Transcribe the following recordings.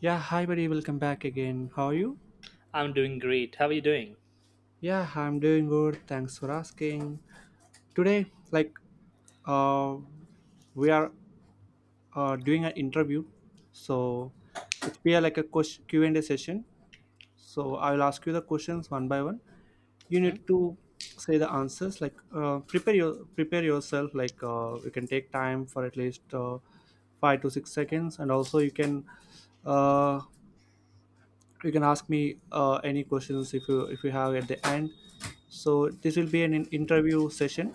Yeah, hi buddy, welcome back again. How are you? I'm doing great. How are you doing? Yeah, I'm doing good. Thanks for asking. Today, uh, we are doing an interview, so it's be like a Q and A session. So I will ask you the questions one by one. You Hmm? need to say the answers. Prepare your prepare yourself. You can take time for at least 5 to 6 seconds, and also uh, you can ask me any questions if you have at the end. So this will be an interview session.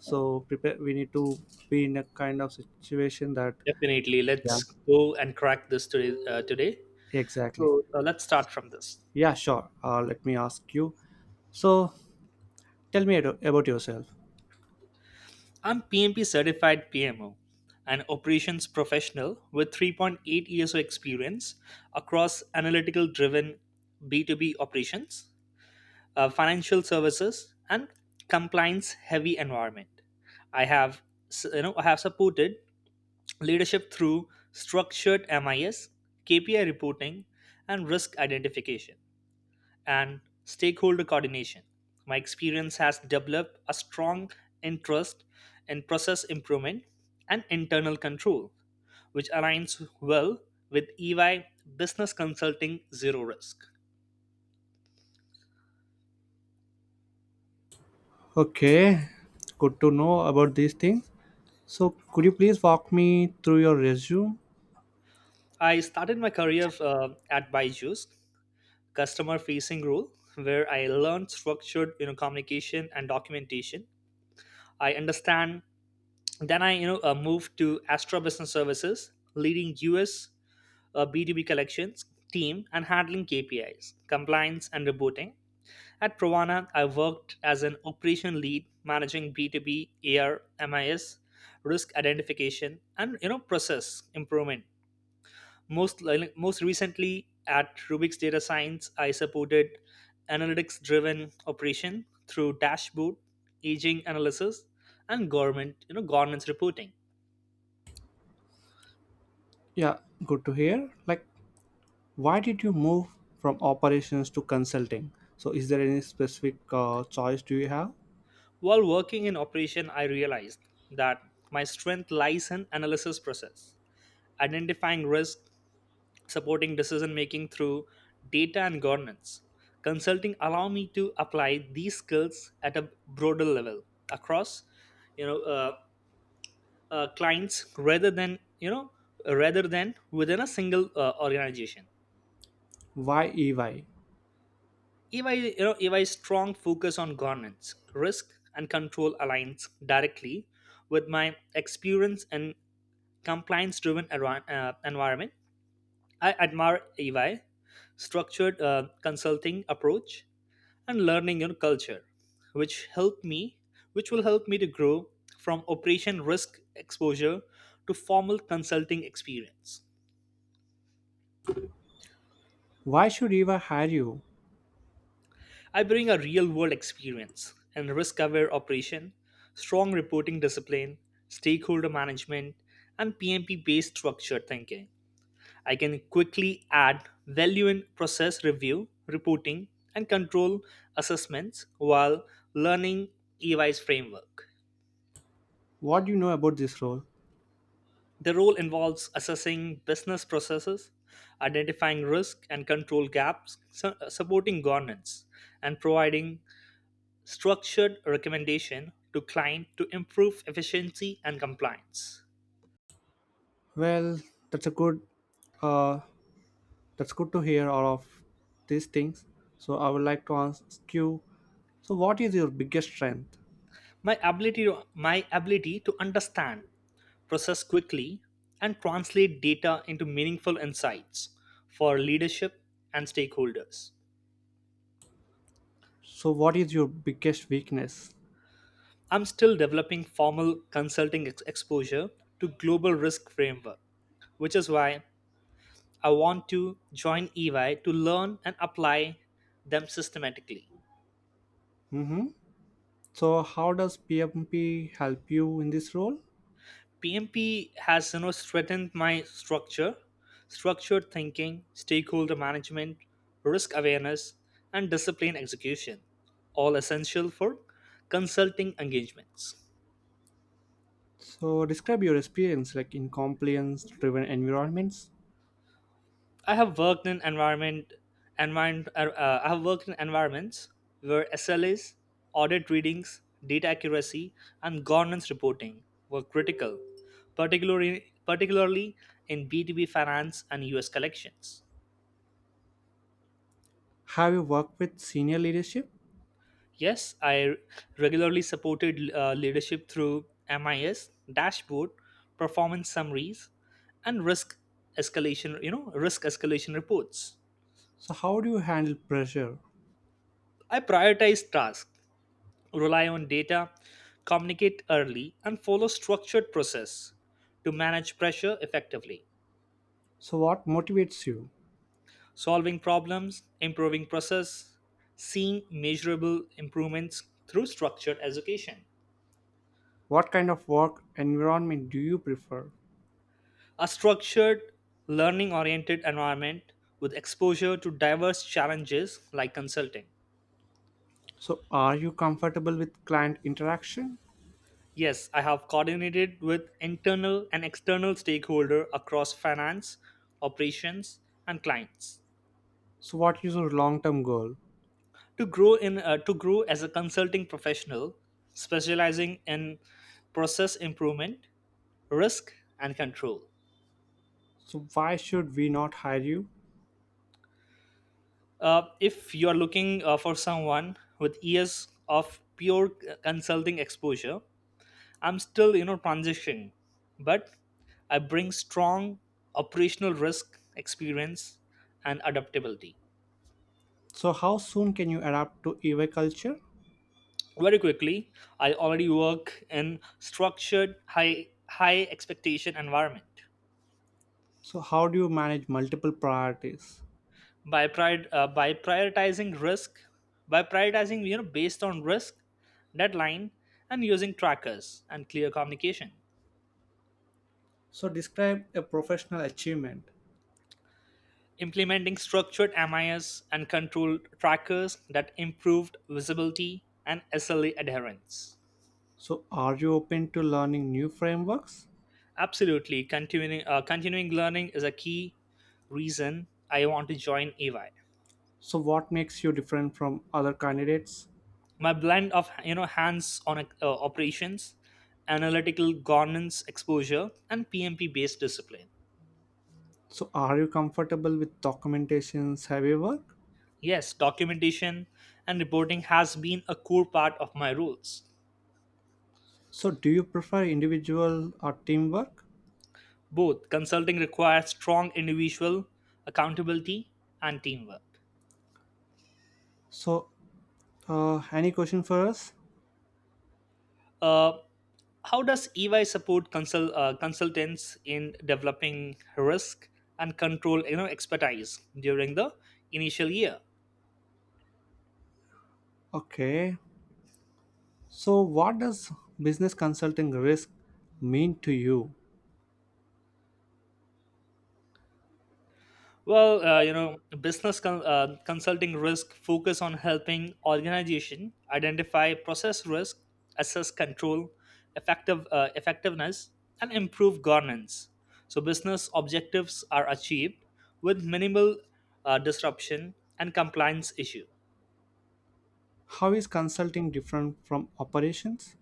So prepare, we need to be in a kind of situation that. Definitely. Yeah. Let's go and crack this today. Exactly. So let's start from this. Yeah, sure, let me ask you. So tell me about yourself. I'm PMP certified PMO, an operations professional with 3.8 years of experience across analytical-driven B2B operations, financial services, and compliance-heavy environment. I have, s- you know, I have supported leadership through structured MIS, KPI reporting, and risk identification and stakeholder coordination. My experience has developed a strong interest in process improvement and internal control, which aligns well with EY Business Consulting Zero Risk. Okay, good to know about these things. So could you please walk me through your resume? I started my career at Byju's customer facing role where I learned structured communication and documentation. I understand then I moved to Astra Business Services leading US a B2B collections team and handling KPIs, compliance, and reporting. At Provana, I worked as an operation lead managing B2B AR, MIS, risk identification, and process improvement. Most most recently at Rubik's Data Science, I supported analytics-driven operation through dashboard, aging analysis, and government you know governance reporting. Yeah, good to hear. Like, why did you move from operations to consulting? So, is there any specific choice do you have? While working in operation, I realized that my strength lies in analysis process, identifying risk, supporting decision making through data and governance. Consulting allow me to apply these skills at a broader level across, you know, uh, clients rather than within a single organization. Why EY? If I strong focus on governance, risk and control aligns directly with my experience in compliance driven environment. I admire EY structured consulting approach and learning your culture which help me which will help me to grow from operation risk exposure to formal consulting experience. Why should EY hire you? I bring a real world experience in risk aware operation, strong reporting discipline, stakeholder management, and PMP based structured thinking. I can quickly add value in process review, reporting, and control assessments while learning EY's framework. What do you know about this role? The role involves assessing business processes, identifying risk and control gaps, supporting governance, and providing structured recommendation to client to improve efficiency and compliance. Well, that's a uh, that's good to hear all of these things. So, I would like to ask you. So, what is your biggest strength? My ability to understand process quickly, and translate data into meaningful insights for leadership and stakeholders. So, what is your biggest weakness? I'm still developing formal consulting exposure to global risk framework, which is why I want to join EY to learn and apply them systematically. Mm-hmm. So, how does PMP help you in this role? PMP has strengthened structured thinking, stakeholder management, risk awareness, and discipline execution, all essential for consulting engagements. So, describe your experience like in compliance driven environments. I have worked in environment, I have worked in environments where SLAs, audit readings, data accuracy, and governance reporting were critical, particularly in B2B finance and US collections. Have you worked with senior leadership? Yes, I regularly supported leadership through MIS, dashboard, performance summaries, and risk escalation, risk escalation reports. So, how do you handle pressure? I prioritize tasks, rely on data, communicate early, and follow structured process to manage pressure effectively. So, what motivates you? Solving problems, improving process, seeing measurable improvements through structured education. What kind of work environment do you prefer? A structured, learning oriented environment with exposure to diverse challenges like consulting. So, are you comfortable with client interaction? Yes, I have coordinated with internal and external stakeholder across finance, operations, and clients. So, what is your long term goal? To grow as a consulting professional specializing in process improvement, risk and control. So, why should we not hire you? If you are looking for someone with years of pure consulting exposure, I'm still, transitioning, but I bring strong operational risk experience and adaptability. So, how soon can you adapt to EY culture? Very quickly, I already work in structured, high expectation environment. So, how do you manage multiple priorities? By prioritizing risk, by prioritizing based on risk, deadline, and using trackers and clear communication. So, describe a professional achievement. Implementing structured MIS and control trackers that improved visibility and SLA adherence. So, are you open to learning new frameworks? Absolutely, continuing learning is a key reason I want to join EY. So, what makes you different from other candidates? My blend of hands-on operations, analytical governance exposure, and PMP-based discipline. So, are you comfortable with documentations heavy work? Yes, documentation and reporting has been a core part of my roles. So, do you prefer individual or teamwork? Both consulting requires strong individual accountability and teamwork. So, any question for us? Uh, how does EY support consultants in developing risk and control expertise during the initial year? Okay. So, what does business consulting risk mean to you? Well, business consulting risk focus on helping organization identify process risk, assess control, effectiveness, and improve governance. So business objectives are achieved with minimal disruption and compliance issues. How is consulting different from operations?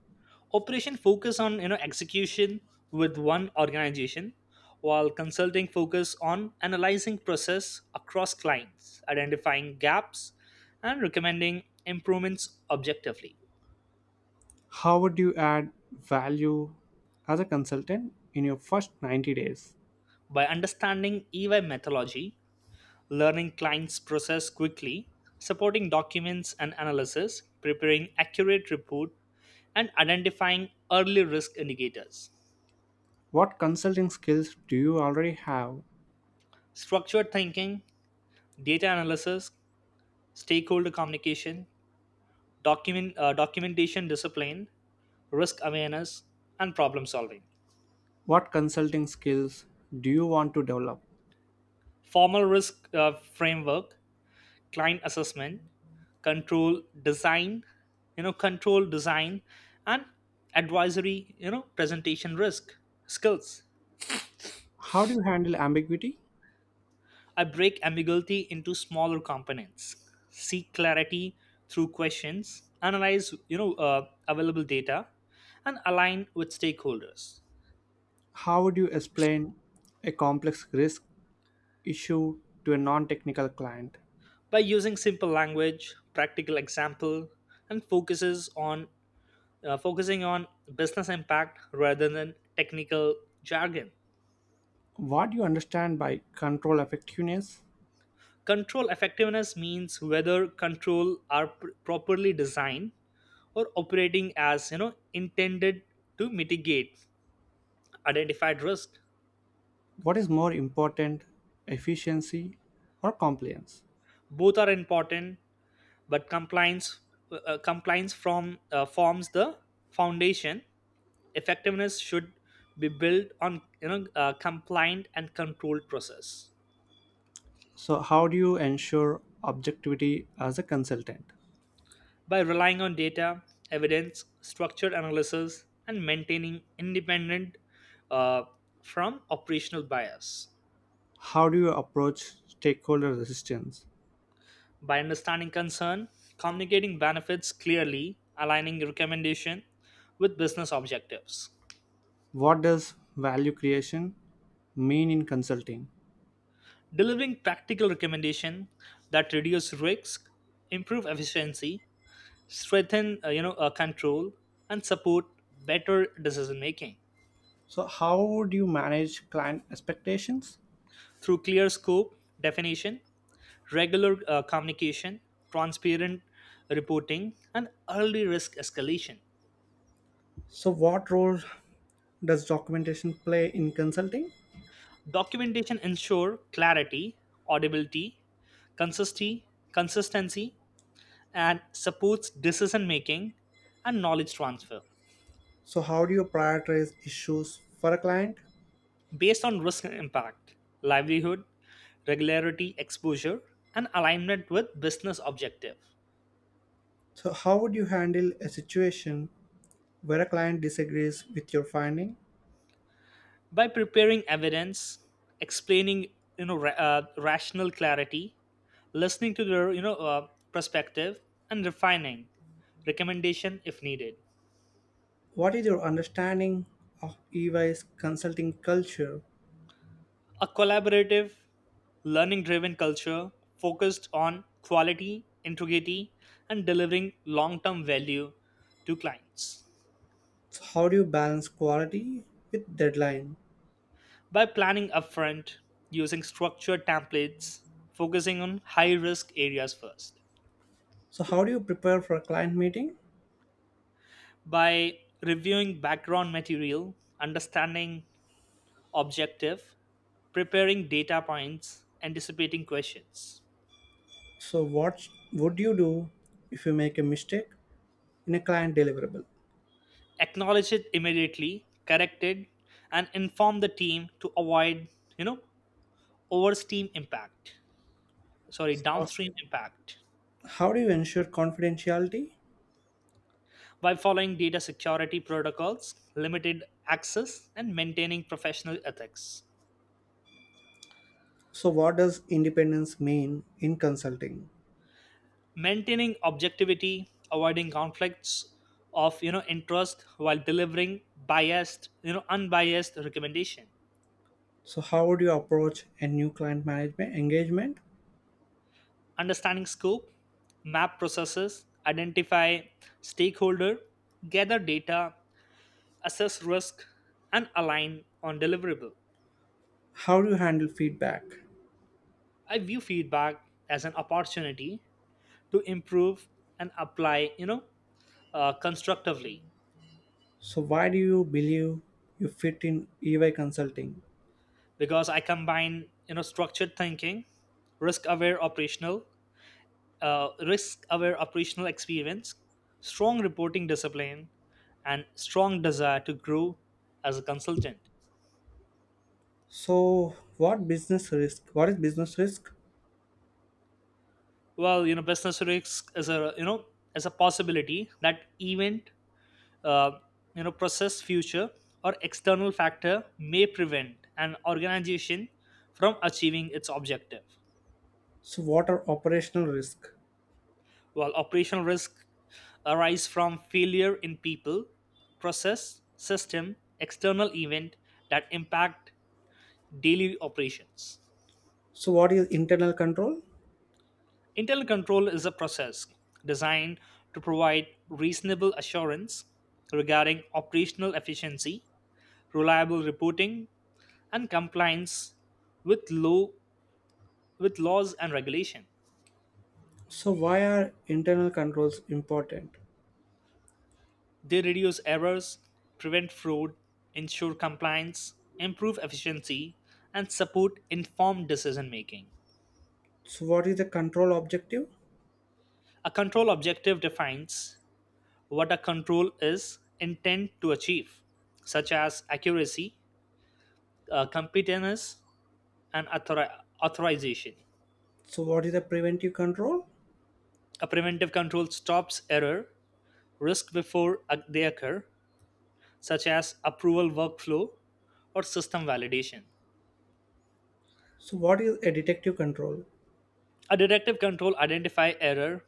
Operation focus on execution with one organization while consulting focus on analyzing process across clients identifying gaps and recommending improvements objectively. How would you add value as a consultant in your first 90 days? By understanding EY methodology, learning clients process quickly, supporting documents and analysis, preparing accurate report, and identifying early risk indicators. What consulting skills do you already have? Structured thinking, data analysis, stakeholder communication, documentation discipline, risk awareness, and problem solving. What consulting skills do you want to develop? Formal risk framework, client assessment, control design control design, and advisory presentation risk skills. How do you handle ambiguity? I break ambiguity into smaller components, seek clarity through questions, analyze available data, and align with stakeholders. How would you explain a complex risk issue to a non technical client? By using simple language, practical example, and focuses on focusing on business impact rather than technical jargon. What do you understand by control effectiveness? Control effectiveness means whether control are properly designed or operating as intended to mitigate identified risk. What is more important, efficiency or compliance? Both are important, but compliance compliance from forms the foundation. Effectiveness should be built on a compliant and controlled process. So, how do you ensure objectivity as a consultant? By relying on data evidence, structured analysis, and maintaining independent uh, from operational bias. How do you approach stakeholder resistance? By understanding concern, communicating benefits clearly, aligning recommendation with business objectives. What does value creation mean in consulting? Delivering practical recommendation that reduce risk, improve efficiency, strengthen control, and support better decision making. So, how do you manage client expectations? Through clear scope definition, regular communication, transparent reporting, and early risk escalation. So, what role does documentation play in consulting? Documentation ensure clarity, audibility, consistency, and supports decision making and knowledge transfer. So, how do you prioritize issues for a client? Based on risk and impact livelihood, regularity exposure, and alignment with business objective. So, how would you handle a situation where a client disagrees with your finding? By preparing evidence, explaining rational clarity, listening to their perspective, and refining recommendation if needed. What is your understanding of EY's consulting culture? A collaborative, learning driven culture focused on quality integrity and delivering long term value to clients. So, how do you balance quality with deadline? By planning upfront, using structured templates, focusing on high risk areas first. So, how do you prepare for a client meeting? By reviewing background material, understanding objective, preparing data points, anticipating questions. So, what would you do if you make a mistake in a client deliverable? Acknowledge it immediately, correct it, and inform the team to avoid, you know, oversteam impact. Sorry, So, downstream impact. how do you ensure confidentiality? By following data security protocols, limited access, and maintaining professional ethics. So, what does independence mean in consulting? Maintaining objectivity, avoiding conflicts of interest while delivering biased unbiased recommendation. So, how would you approach a new client management engagement? Understanding scope, map processes, identify stakeholder, gather data, assess risk, and align on deliverable. How do you handle feedback? I view feedback as an opportunity to improve and apply constructively. So, why do you believe you fit in EY consulting? Because I combine structured thinking, risk aware operational risk aware operational experience, strong reporting discipline, and strong desire to grow as a consultant. So, what business risk? What is business risk? Well, business risk is a you know as a possibility that event, uh, process, future or external factor may prevent an organization from achieving its objective. So, what are operational risk? While operational risk arise from failure in people, process, system, external event that impact daily operations. So, what is internal control? Internal control is a process designed to provide reasonable assurance regarding operational efficiency, reliable reporting, and compliance with law with laws and regulation. So, why are internal controls important? They reduce errors, prevent fraud, ensure compliance, improve efficiency, and support informed decision making. So, what is the control objective? A control objective defines what a control is intent to achieve, such as accuracy, competence, and authorization. So, what is the preventive control? A preventive control stops error, risk before they occur, such as approval workflow or system validation. So, what is a detective control? A directive control identifies error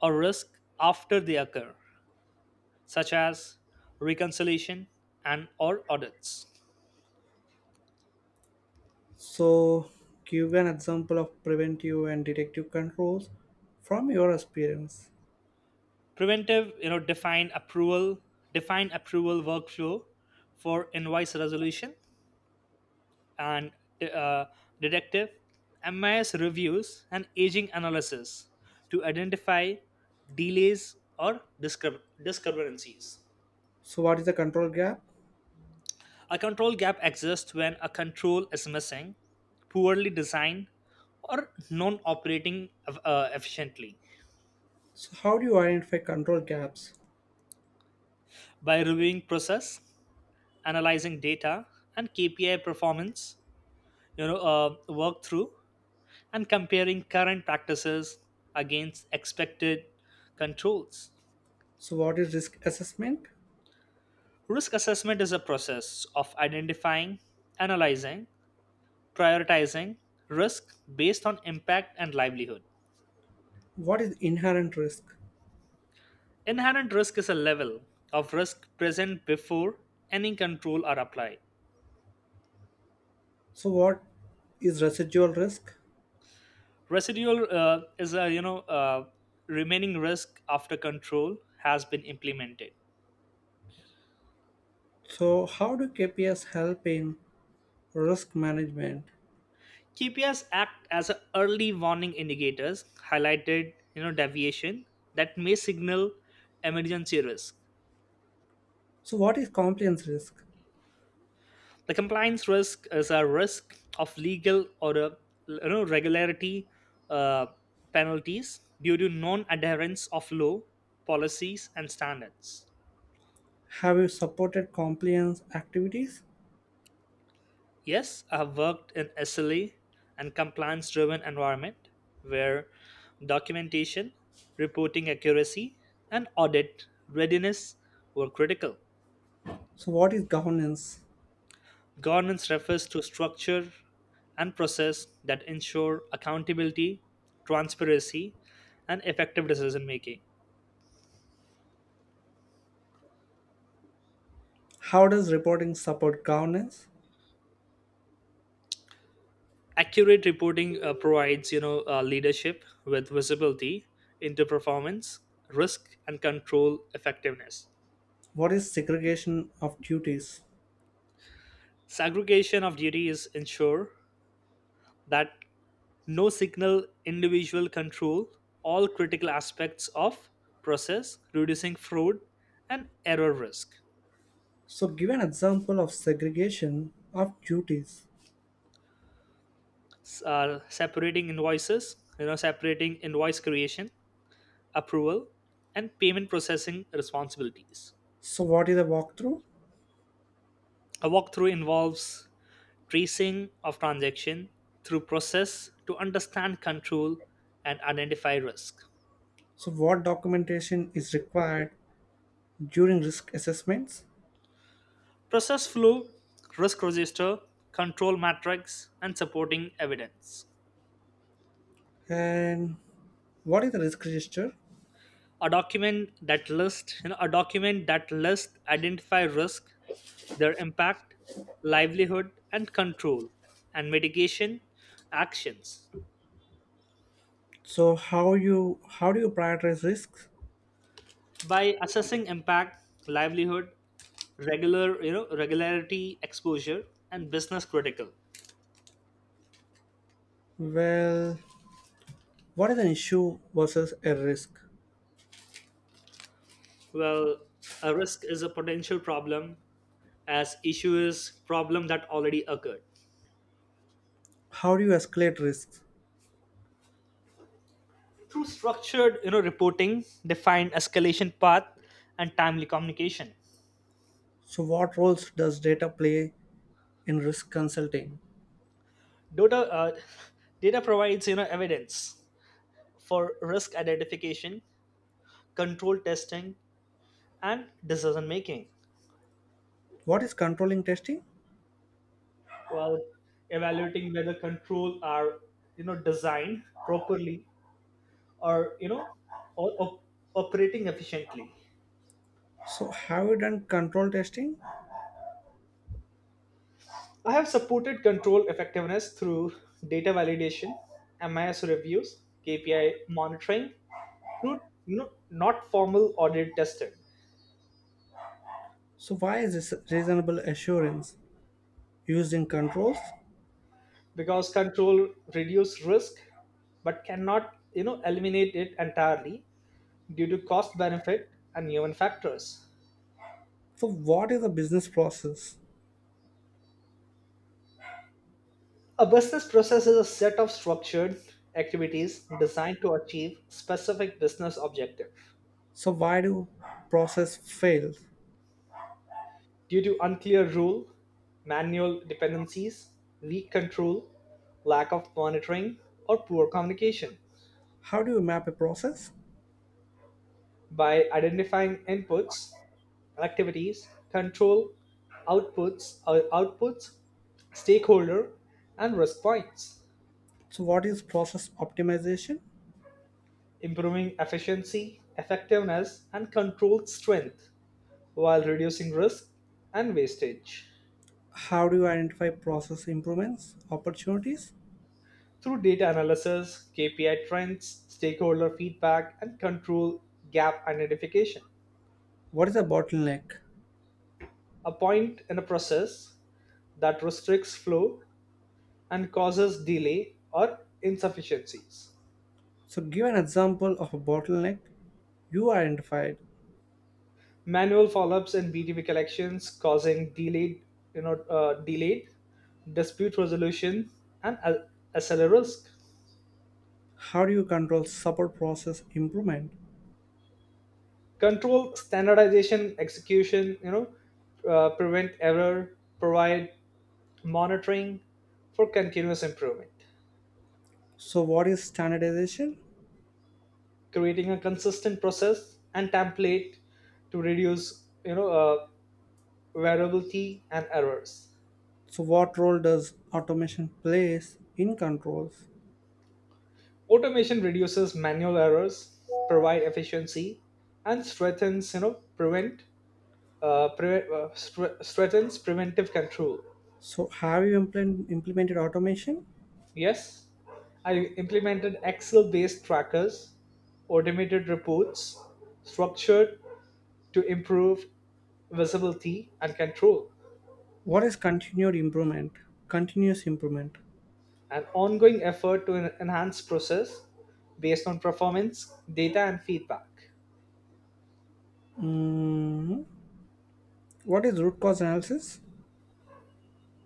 or risk after they occur, such as reconciliation and or audits. So, give an example of preventive and detective controls from your experience. Preventive, define approval workflow for invoice resolution, and uh, detective MIS reviews and aging analysis to identify delays or discrepancies. So, what is the control gap? A control gap exists when a control is missing, poorly designed, or non operating efficiently. So, how do you identify control gaps? By reviewing process, analyzing data, and KPI performance, work through and comparing current practices against expected controls. So, what is risk assessment? Risk assessment is a process of identifying, analyzing, prioritizing risk based on impact and livelihood. What is inherent risk? Inherent risk is a level of risk present before any control are applied. So, what is residual risk? Residual is a remaining risk after control has been implemented. So, how do KPS help in risk management? KPIs act as a early warning indicators, highlighted deviation that may signal emergency risk. So, what is compliance risk? The compliance risk is a risk of legal or a, regularity uh, penalties due to non-adherence of law, policies, and standards. Have you supported compliance activities? Yes, I have worked in SLA and compliance-driven environment where documentation, reporting accuracy, and audit readiness were critical. So, what is governance? Governance refers to structure and process that ensure accountability, transparency, and effective decision making. How does reporting support governance? Accurate reporting provides, leadership with visibility into performance, risk, and control effectiveness. What is segregation of duties? Segregation of duties ensure that no signal individual control all critical aspects of process, reducing fraud and error risk. So, give an example of segregation of duties. S separating invoice creation, approval, and payment processing responsibilities. So, what is a walkthrough? A walkthrough involves tracing of transaction through process to understand control and identify risk. So, what documentation is required during risk assessments? Process flow, risk register, control matrix, and supporting evidence. And what is the risk register? A document that lists identify risk, their impact, livelihood, and control, and mitigation actions. So, how do you prioritize risks? By assessing impact, livelihood, regular regularity exposure, and business critical. Well, what is an issue versus a risk? well a risk is a potential problem, as issue is problem that already occurred. How do you escalate risks? Through structured, reporting, defined escalation path, and timely communication. So, what roles does data play in risk consulting? Data data provides evidence for risk identification, control testing, and decision making. What is controlling testing? While evaluating whether control are designed properly or you know or operating efficiently. So, have you done control testing? I have supported control effectiveness through data validation, MIS reviews, KPI monitoring, through not formal audit testing. So, why is this reasonable assurance used in controls? Because control reduce risk but cannot eliminate it entirely due to cost benefit and human factors. So, what is a business process? A business process is a set of structured activities designed to achieve specific business objective. So, why do process fail? Due to unclear rule, manual dependencies, weak control, lack of monitoring, or poor communication. How do you map a process? By identifying inputs, activities, control, outputs, stakeholder, and risk points. So, what is process optimization? Improving efficiency, effectiveness, and controlled strength while reducing risk and wastage. How do you identify process improvements, opportunities? Through data analysis, KPI trends, stakeholder feedback, and control gap identification. What is a bottleneck? A point in a process that restricts flow and causes delay or insufficiencies. So, give an example of a bottleneck you identified. Manual follow-ups and BTV collections causing delayed dispute resolution and SLA risk. How do you control support process improvement? Control standardization execution, prevent error, provide monitoring for continuous improvement. So, what is standardization? Creating a consistent process and template to reduce variability and errors. So what role does automation plays in controls? Automation reduces manual errors, provide efficiency, and strengthens, strengthens preventive control. So have you implemented automation? Yes, I implemented Excel based trackers, automated reports, structured to improve visibility and control. What is continued improvement? Continuous improvement. An ongoing effort to enhance process based on performance, data, and feedback. Mm, what is root cause analysis?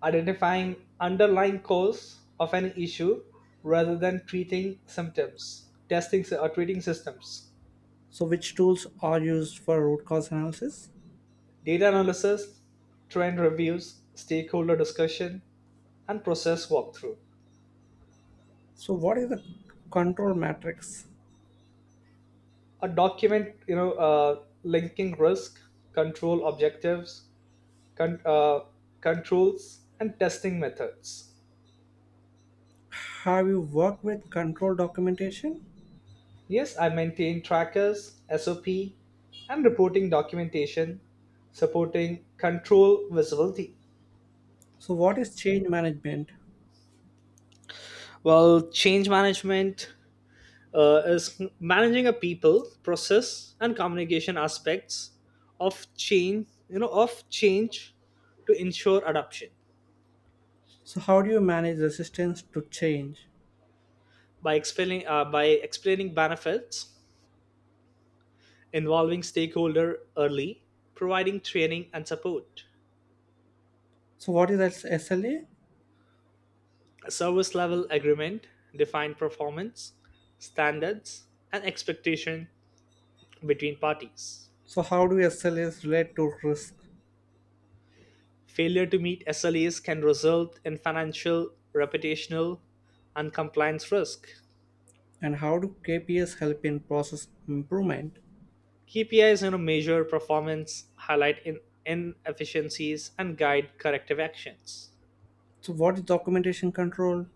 Identifying underlying cause of an issue rather than treating symptoms, testing sy- or treating systems. So which tools are used for root cause analysis? Data analysis, trend reviews, stakeholder discussion, and process walkthrough. So what is the control matrix? A document, linking risk, control objectives, con- uh, controls, and testing methods. Have you worked with control documentation? Yes, I maintain trackers, SOP, and reporting documentation supporting control visibility. So what is change management? Well, change management is managing a people process and communication aspects of change to ensure adoption. So how do you manage resistance to change? By explaining benefits, involving stakeholder early, providing training and support. So what is SLA? A service level agreement define performance, standards, and expectation between parties. So how do SLAs relate to risk? Failure to meet SLAs can result in financial, reputational, and compliance risk. And how do KPIs help in process improvement? KPIs, measure performance, highlight inefficiencies, and guide corrective actions. So what is documentation control?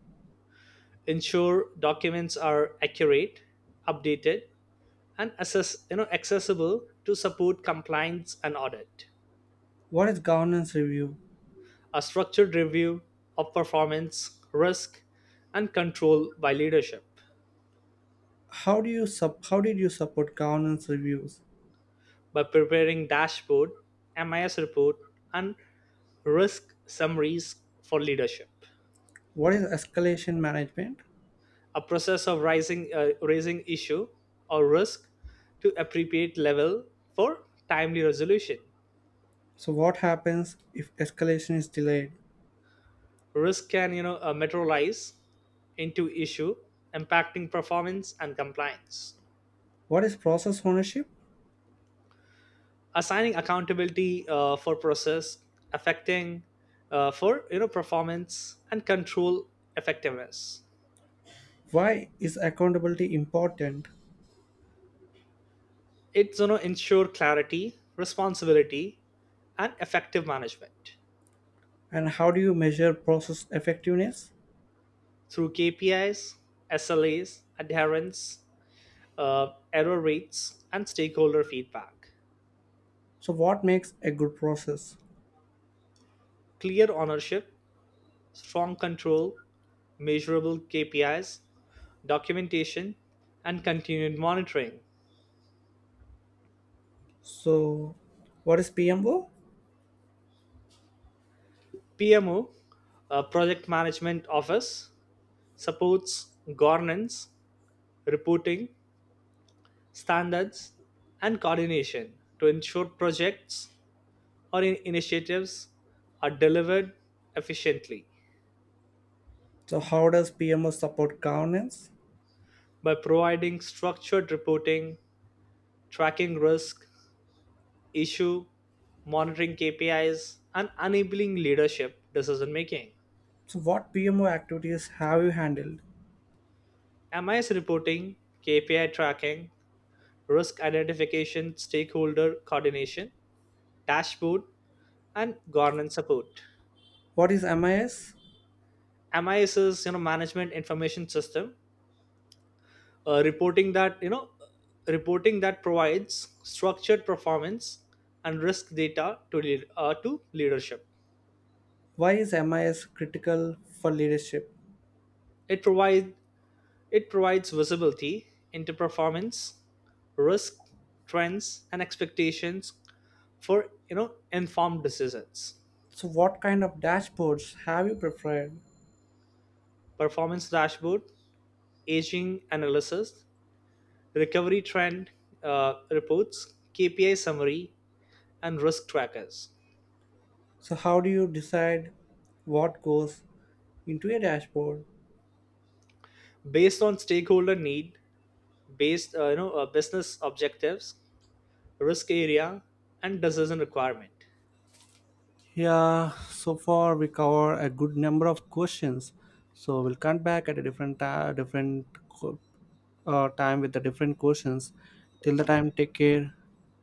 Ensure documents are accurate, updated, and assess, accessible to support compliance and audit. What is governance review? A structured review of performance, risk, and control by leadership. How do you sub how did you support governance reviews? By preparing dashboard, MIS report, and risk summaries for leadership. What is escalation management? A process of raising issue or risk to appropriate level for timely resolution. So what happens if escalation is delayed? Risk can materialize into issue, impacting performance and compliance. What is process ownership? Assigning accountability for process affecting, for you know performance and control effectiveness. Why is accountability important? It's, ensure clarity, responsibility, and effective management. And how do you measure process effectiveness? Through KPIs, SLAs adherence, uh, error rates, and stakeholder feedback. So what makes a good process? Clear ownership, strong control, measurable KPIs, documentation, and continued monitoring. So what is PMO? PMO, Project Management Office, supports governance, reporting, standards, and coordination to ensure projects or initiatives are delivered efficiently. So how does PMO support governance? By providing structured reporting, tracking risk, issue, monitoring KPIs, and enabling leadership decision making. So, what PMO activities have you handled? MIS reporting, KPI tracking, risk identification, stakeholder coordination, dashboard, and governance support. What is MIS? MIS is, management information system, uh, reporting that you know reporting that provides structured performance and risk data to leadership. Why is MIS critical for leadership? It provides it provides visibility into performance, risk, trends, and expectations for, informed decisions. So, what kind of dashboards have you prepared? Performance dashboard, aging analysis, recovery trend reports, KPI summary, and risk trackers. So, how do you decide what goes into a dashboard? Based on stakeholder need, based you know business objectives, risk area, and decision requirement. Yeah, so far we cover a good number of questions. So, we'll come back at a different ti- different co- time with the different questions. Till the time, take care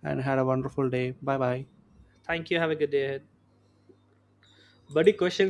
and had a wonderful day. Bye bye. Thank you. Have a good day ahead. Buddy, question